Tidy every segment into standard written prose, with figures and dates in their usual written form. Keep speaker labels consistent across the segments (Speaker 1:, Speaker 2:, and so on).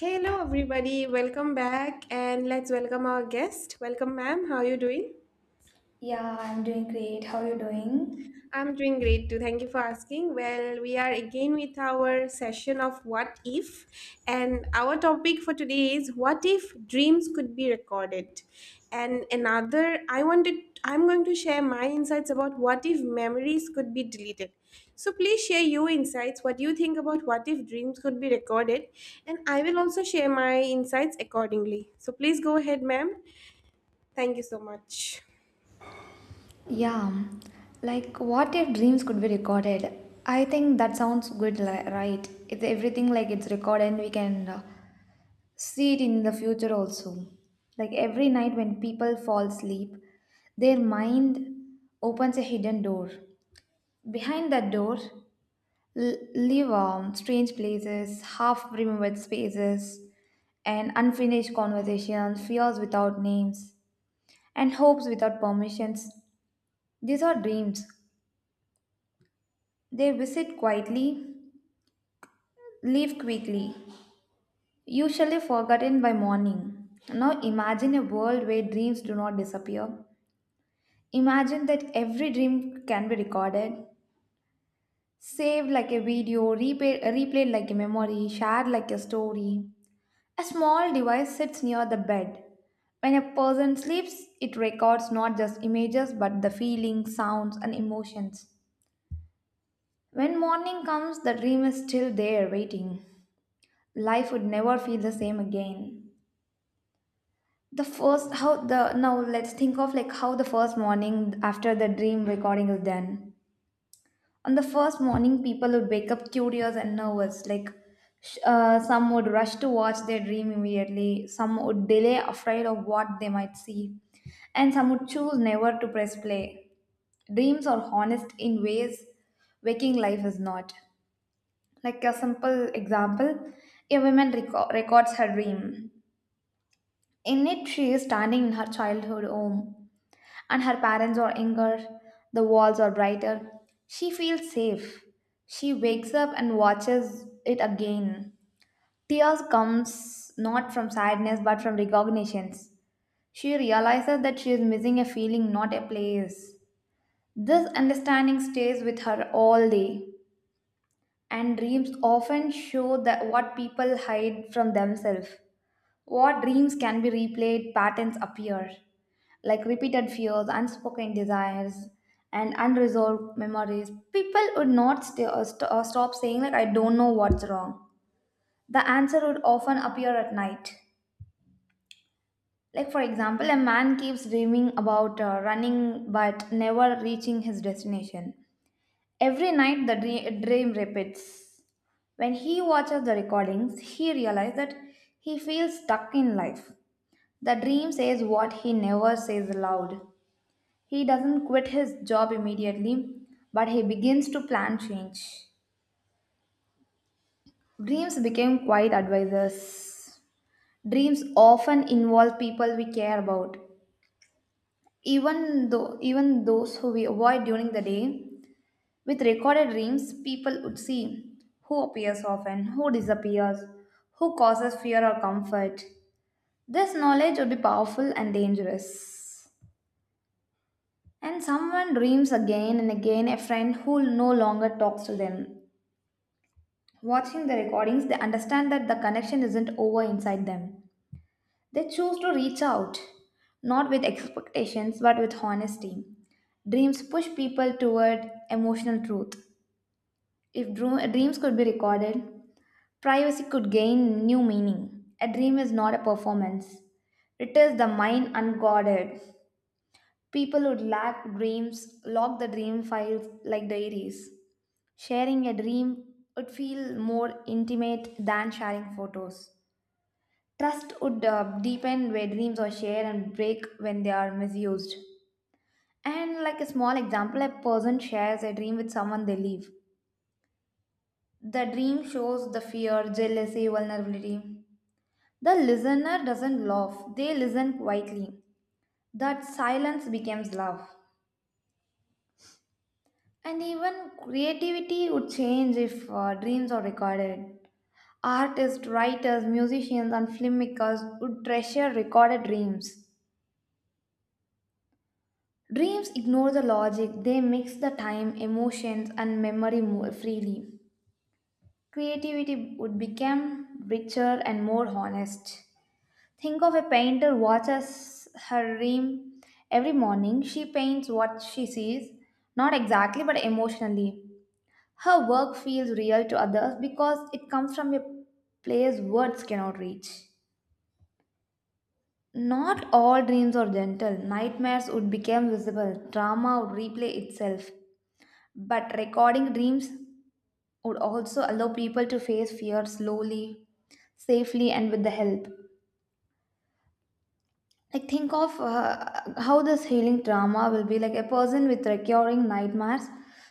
Speaker 1: Hello, everybody. Welcome back, and let's welcome our guest. Welcome, ma'am. How are you doing?
Speaker 2: Yeah, I'm doing great. How are you doing?
Speaker 1: I'm doing great too. Thank you for asking. Well, we are again with our session of what if, and our topic for today is what if dreams could be recorded. And another, I wanted, I'm going to share my insights about what if memories could be deleted. So please share your insights, what you think about what if dreams could be recorded, and I will also share my insights accordingly. So please go ahead, ma'am. Thank you so much.
Speaker 2: Yeah, like what if dreams could be recorded? I think that sounds good, right? If everything like it's recorded, we can see it in the future also. Like every night when people fall asleep, their mind opens a hidden door. Behind that door live strange places, half remembered spaces, and unfinished conversations, fears without names and hopes without permissions. These are dreams. They visit quietly, leave quickly, usually forgotten by morning. Now imagine a world where dreams do not disappear. Imagine that every dream can be recorded, saved like a video, replayed like a memory, shared like a story. A small device sits near the bed. When a person sleeps, it records not just images but the feelings, sounds, and emotions. When morning comes, the dream is still there waiting. Life would never feel the same again. The first how the now let's think of like how the first morning after the dream recording is done. On the first morning, people would wake up curious and nervous. Like some would rush to watch their dream immediately. Some would delay, afraid of what they might see, and some would choose never to press play. Dreams are honest in ways waking life is not. Like a simple example, a woman records her dream. In it, she is standing in her childhood home, and her parents are younger, the walls are brighter. She feels safe. She wakes up and watches it again. Tears comes not from sadness but from recognitions. She realizes that she is missing a feeling, not a place. This understanding stays with her all day and dreams often show that what people hide from themselves. What dreams can be replayed, patterns appear, like repeated fears, unspoken desires, and unresolved memories. People would not stop saying, like, I don't know what's wrong. The answer would often appear at night. Like, for example, a man keeps dreaming about running but never reaching his destination. Every night, the dream repeats. When he watches the recordings, he realizes that he feels stuck in life. The dream says what he never says aloud. He doesn't quit his job immediately, but he begins to plan change. Dreams became quiet advisors. Dreams often involve people we care about. Even though even those who we avoid during the day, with recorded dreams, people would see who appears often, who disappears, who causes fear or comfort. This knowledge would be powerful and dangerous. And someone dreams again and again a friend who no longer talks to them. Watching the recordings, they understand that the connection isn't over inside them. They choose to reach out, not with expectations but with honesty. Dreams push people toward emotional truth. If dreams could be recorded, privacy could gain new meaning. A dream is not a performance, it is the mind unguarded. People would lack dreams, lock the dream files like diaries. Sharing a dream would feel more intimate than sharing photos. Trust would deepen where dreams are shared and break when they are misused. And like a small example, a person shares a dream with someone they love. The dream shows the fear, jealousy, vulnerability. The listener doesn't laugh, they listen quietly. That silence becomes love. And even creativity would change if dreams are recorded. Artists, writers, musicians, and filmmakers would treasure recorded dreams. Dreams ignore the logic, they mix the time, emotions, and memory more freely. Creativity would become richer and more honest. Think of a painter watches her dream every morning. She paints what she sees, not exactly but emotionally. Her work feels real to others because it comes from a place words cannot reach. Not all dreams are gentle. Nightmares would become visible, drama would replay itself. But recording dreams would also allow people to face fear slowly, safely, and with the help. Like think of how this healing trauma will be like. A person with recurring nightmares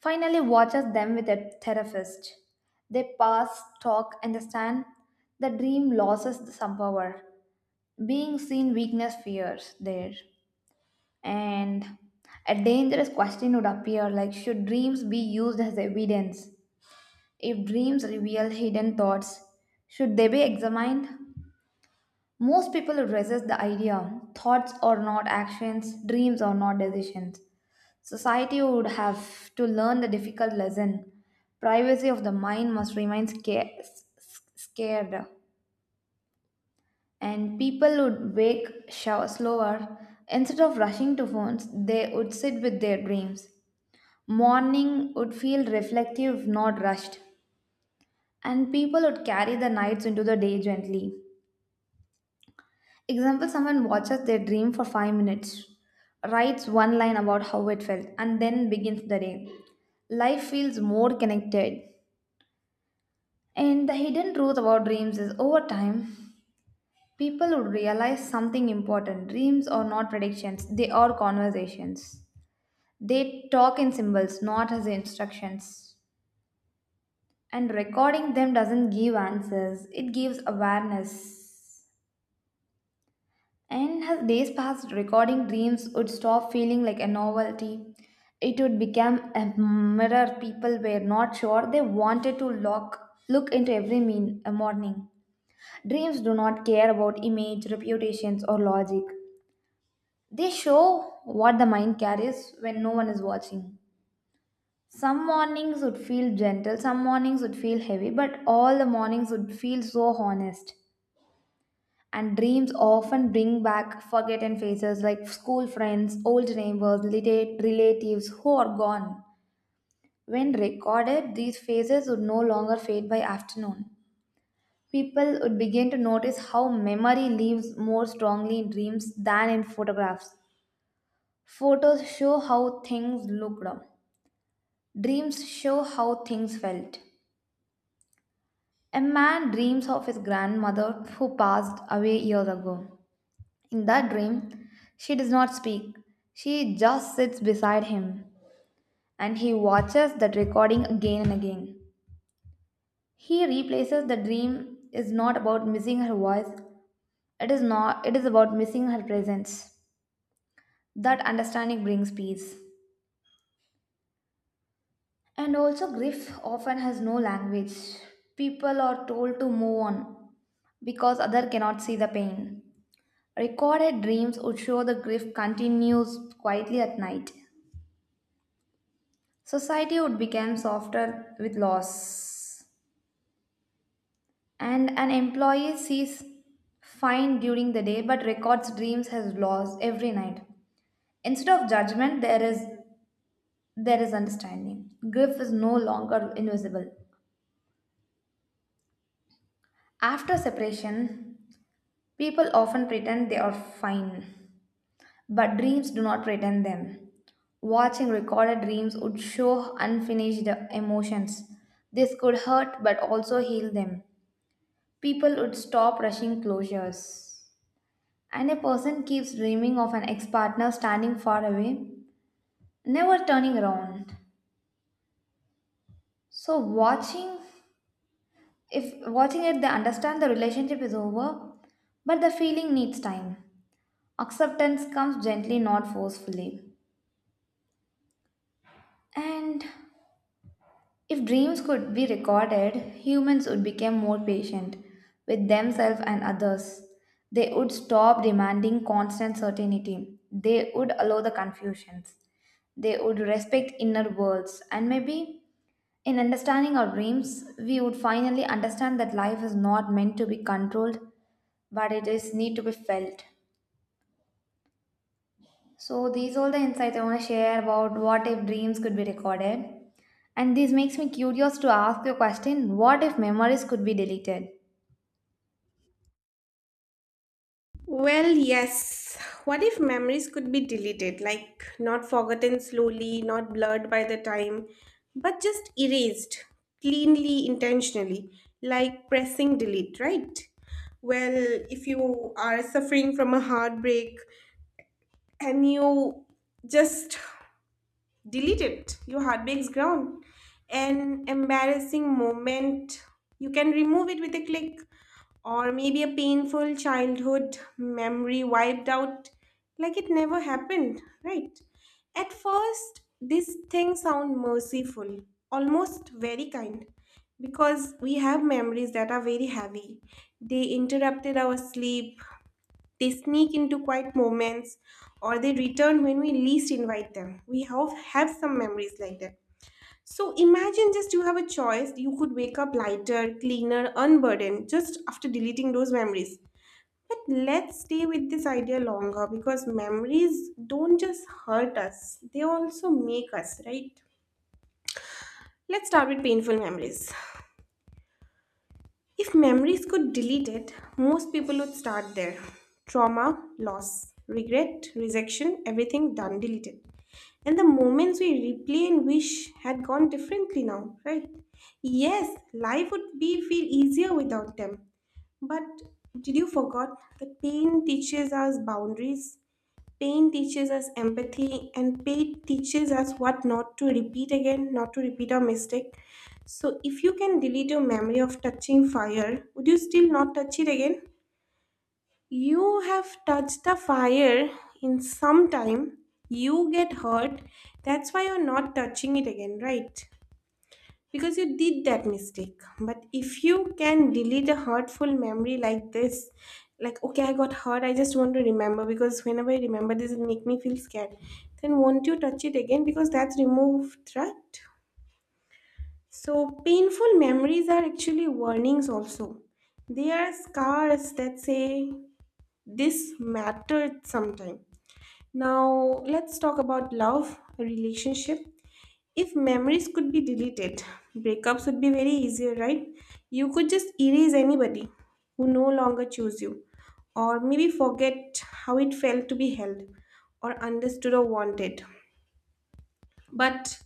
Speaker 2: finally watches them with a therapist. They pass, talk, understand. The dream loses some power, being seen weakness fears there. And a dangerous question would appear, like should dreams be used as evidence? If dreams reveal hidden thoughts, should they be examined? Most people resist the idea. Thoughts are not actions, dreams are not decisions. Society would have to learn the difficult lesson. Privacy of the mind must remain scared, and people would wake slower. Instead of rushing to phones, they would sit with their dreams. Morning would feel reflective, not rushed, and people would carry the nights into the day gently. Example, someone watches their dream for 5 minutes, writes one line about how it felt, and then begins the day. Life feels more connected. And the hidden truth about dreams is over time, people will realize something important. Dreams are not predictions, they are conversations. They talk in symbols, not as instructions. And recording them doesn't give answers, it gives awareness. And as days passed, recording dreams would stop feeling like a novelty. It would become a mirror people were not sure they wanted to look into every mean, a morning. Dreams do not care about image, reputations, or logic. They show what the mind carries when no one is watching. Some mornings would feel gentle, some mornings would feel heavy, but all the mornings would feel so honest. And dreams often bring back forgotten faces like school friends, old neighbors, relatives who are gone. When recorded, these faces would no longer fade by afternoon. People would begin to notice how memory lives more strongly in dreams than in photographs. Photos show how things looked. Dreams show how things felt. A man dreams of his grandmother who passed away years ago. In that dream, she does not speak. She just sits beside him and he watches that recording again and again. He replaces the dream is not about missing her voice. It is not it is about missing her presence. That understanding brings peace. And also grief often has no language. People are told to move on because other cannot see the pain. Recorded dreams would show the grief continues quietly at night. Society would become softer with loss. And an employee sees fine during the day but records dreams has lost every night. Instead of judgment, there is understanding. Grief is no longer invisible. After separation, people often pretend they are fine, but dreams do not pretend them. Watching recorded dreams would show unfinished emotions. This could hurt but also heal them. People would stop rushing closures. And a person keeps dreaming of an ex partner standing far away, never turning around. So, if watching it, they understand the relationship is over, but the feeling needs time. Acceptance comes gently, not forcefully. And if dreams could be recorded, humans would become more patient with themselves and others. They would stop demanding constant certainty. They would allow the confusions. They would respect inner worlds. And maybe in understanding our dreams, we would finally understand that life is not meant to be controlled, but it is need to be felt. So these all the insights I want to share about what if dreams could be recorded. And this makes me curious to ask your question, what if memories could be deleted?
Speaker 1: Well, yes. What if memories could be deleted, like not forgotten slowly, not blurred by the time, but just erased cleanly, intentionally, like pressing delete, right? Well, if you are suffering from a heartbreak and you just delete it, your heartbreak's gone. An embarrassing moment, you can remove it with a click, or maybe a painful childhood memory wiped out like it never happened, right? At first, these things sound merciful, almost very kind, because we have memories that are very heavy. They interrupted our sleep, they sneak into quiet moments, or they return when we least invite them. We have some memories like that. So imagine just you have a choice. You could wake up lighter, cleaner, unburdened just after deleting those memories. But let's stay with this idea longer because memories don't just hurt us, they also make us, right? Let's start with painful memories. If memories could delete it, most people would start there. Trauma, loss, regret, rejection, everything done, deleted. And the moments we replay and wish had gone differently now, right? Yes, life would be feel easier without them. But did you forget that pain teaches us boundaries? Pain teaches us empathy, and pain teaches us what not to repeat again, not to repeat our mistake. So if you can delete your memory of touching fire, would you still not touch it again? You have touched the fire in some time, you get hurt. That's why you're not touching it again, right? Because you did that mistake. But if you can delete a hurtful memory like this, like, okay, I got hurt, I just want to remember because whenever I remember this, it make me feel scared. Then won't you touch it again because that's removed, right? So, painful memories are actually warnings, also. They are scars that say, this mattered sometime. Now let's talk about love relationship. If memories could be deleted, breakups would be very easier, right? You could just erase anybody who no longer choose you, or maybe forget how it felt to be held, or understood or wanted. But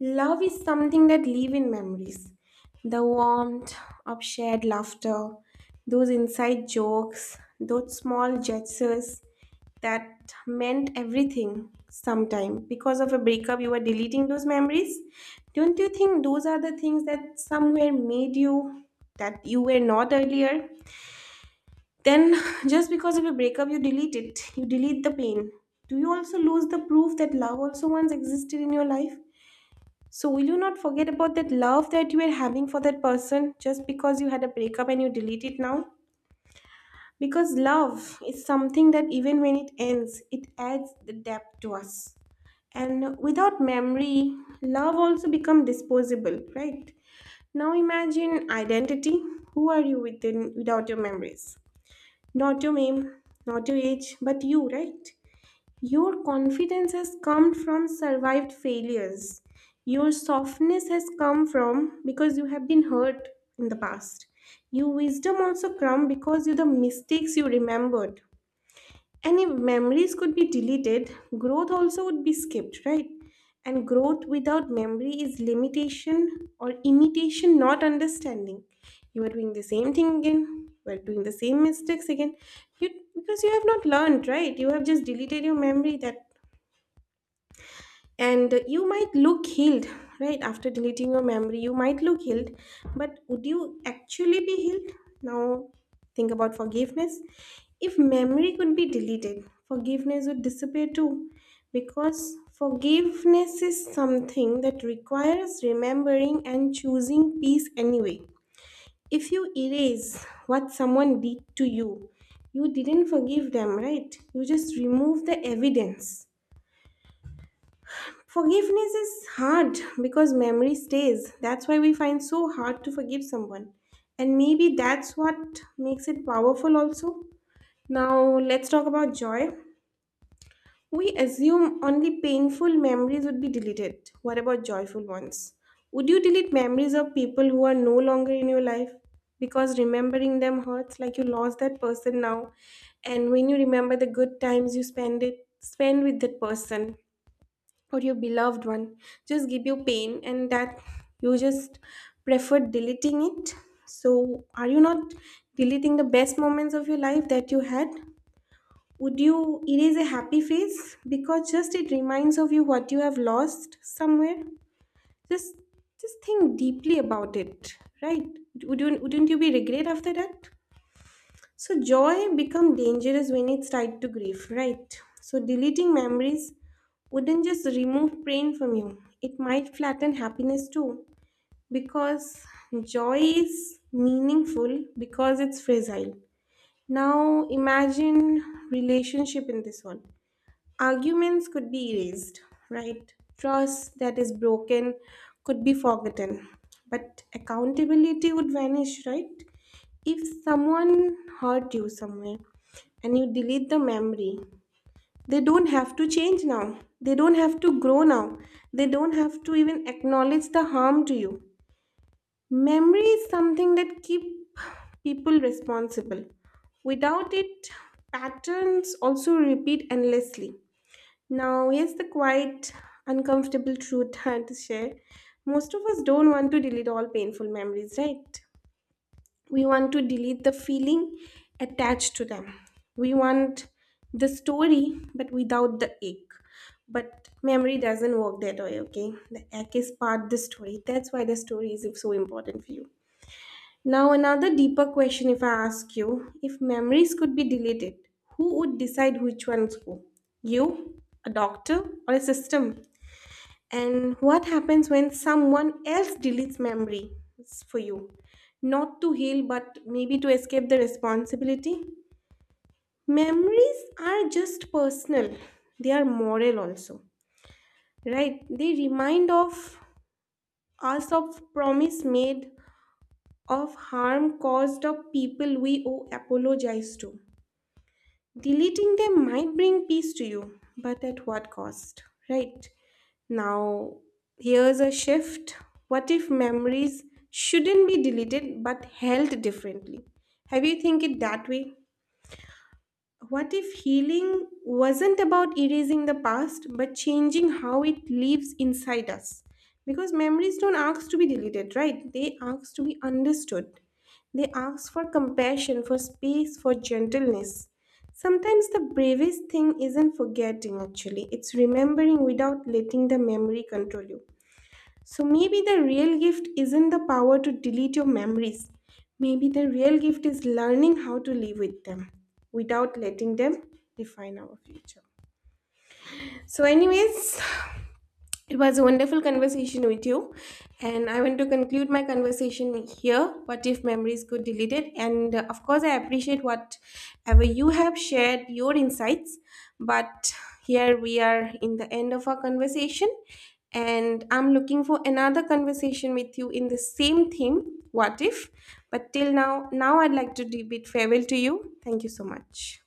Speaker 1: love is something that live in memories. The warmth of shared laughter, those inside jokes, those small gestures that meant everything sometime. Because of a breakup, you were deleting those memories. Don't you think those are the things that somewhere made you that you were not earlier? Then just because of a breakup, you delete it. You delete the pain. Do you also lose the proof that love also once existed in your life? So, will you not forget about that love that you were having for that person just because you had a breakup and you delete it now? Because love is something that even when it ends, it adds the depth to us. And without memory, love also become disposable, right? Now imagine identity. Who are you within without your memories? Not your name, not your age, but you, right? Your confidence has come from survived failures. Your softness has come from because you have been hurt in the past. Your wisdom also come because of the mistakes you remembered. And if memories could be deleted, growth also would be skipped, right? And growth without memory is limitation or imitation, not understanding. You are doing the same thing again. You are doing the same mistakes again. You because you have not learned, right? You have just deleted your memory that, and you might look healed, right? After deleting your memory, you might look healed, but would you actually be healed? Now, think about forgiveness. If memory could be deleted, forgiveness would disappear too, because forgiveness is something that requires remembering and choosing peace anyway. If you erase what someone did to you, you didn't forgive them, right? You just remove the evidence. Forgiveness is hard because memory stays. That's why we find so hard to forgive someone. And maybe that's what makes it powerful also. Now let's talk about joy. We assume only painful memories would be deleted. What about joyful ones? Would you delete memories of people who are no longer in your life? Because remembering them hurts like you lost that person now. And when you remember the good times you spend with that person, or your beloved one just give you pain, and that you just prefer deleting it, so are you not deleting the best moments of your life that you had? Would you erase a happy face because just it reminds of you what you have lost somewhere? just just think deeply about it, right? Would you, wouldn't you be regret after that? So joy become dangerous when it's tied to grief, right? So deleting memories wouldn't just remove pain from you. It might flatten happiness too, because joy is meaningful because it's fragile. Now imagine relationship in this one. Arguments could be erased, right? Trust that is broken could be forgotten, but accountability would vanish, right? If someone hurt you somewhere and you delete the memory, they don't have to change now. They don't have to grow now. They don't have to even acknowledge the harm to you. Memory is something that keeps people responsible. Without it, patterns also repeat endlessly. Now, here's the quite uncomfortable truth I had to share. Most of us don't want to delete all painful memories, right? We want to delete the feeling attached to them. We want the story but without the ache. But memory doesn't work that way, okay? The ache is part the story. That's why the story is so important for you. Now another deeper question, if I ask you, if memories could be deleted, who would decide which ones go? You, a doctor, or a system? And what happens when someone else deletes memories for you? Not to heal, but maybe to escape the responsibility? Memories are just personal, they are moral also, right? They remind of us of promise made, of harm caused, of people we owe apologize to. Deleting them might bring peace to you, but at what cost, right? Now, here's a shift. What if memories shouldn't be deleted but held differently? Have you think it that way? What if healing wasn't about erasing the past, but changing how it lives inside us? Because memories don't ask to be deleted, right? They ask to be understood. They ask for compassion, for space, for gentleness. Sometimes the bravest thing isn't forgetting, actually, it's remembering without letting the memory control you. So maybe the real gift isn't the power to delete your memories. Maybe the real gift is learning how to live with them without letting them define our future. So, anyways, it was a wonderful conversation with you, and I want to conclude my conversation here. What if memories could delete it? And of course, I appreciate whatever you have shared your insights. But here we are in the end of our conversation, and I'm looking for another conversation with you in the same theme. What if? But till now, now I'd like to bid farewell to you. Thank you so much.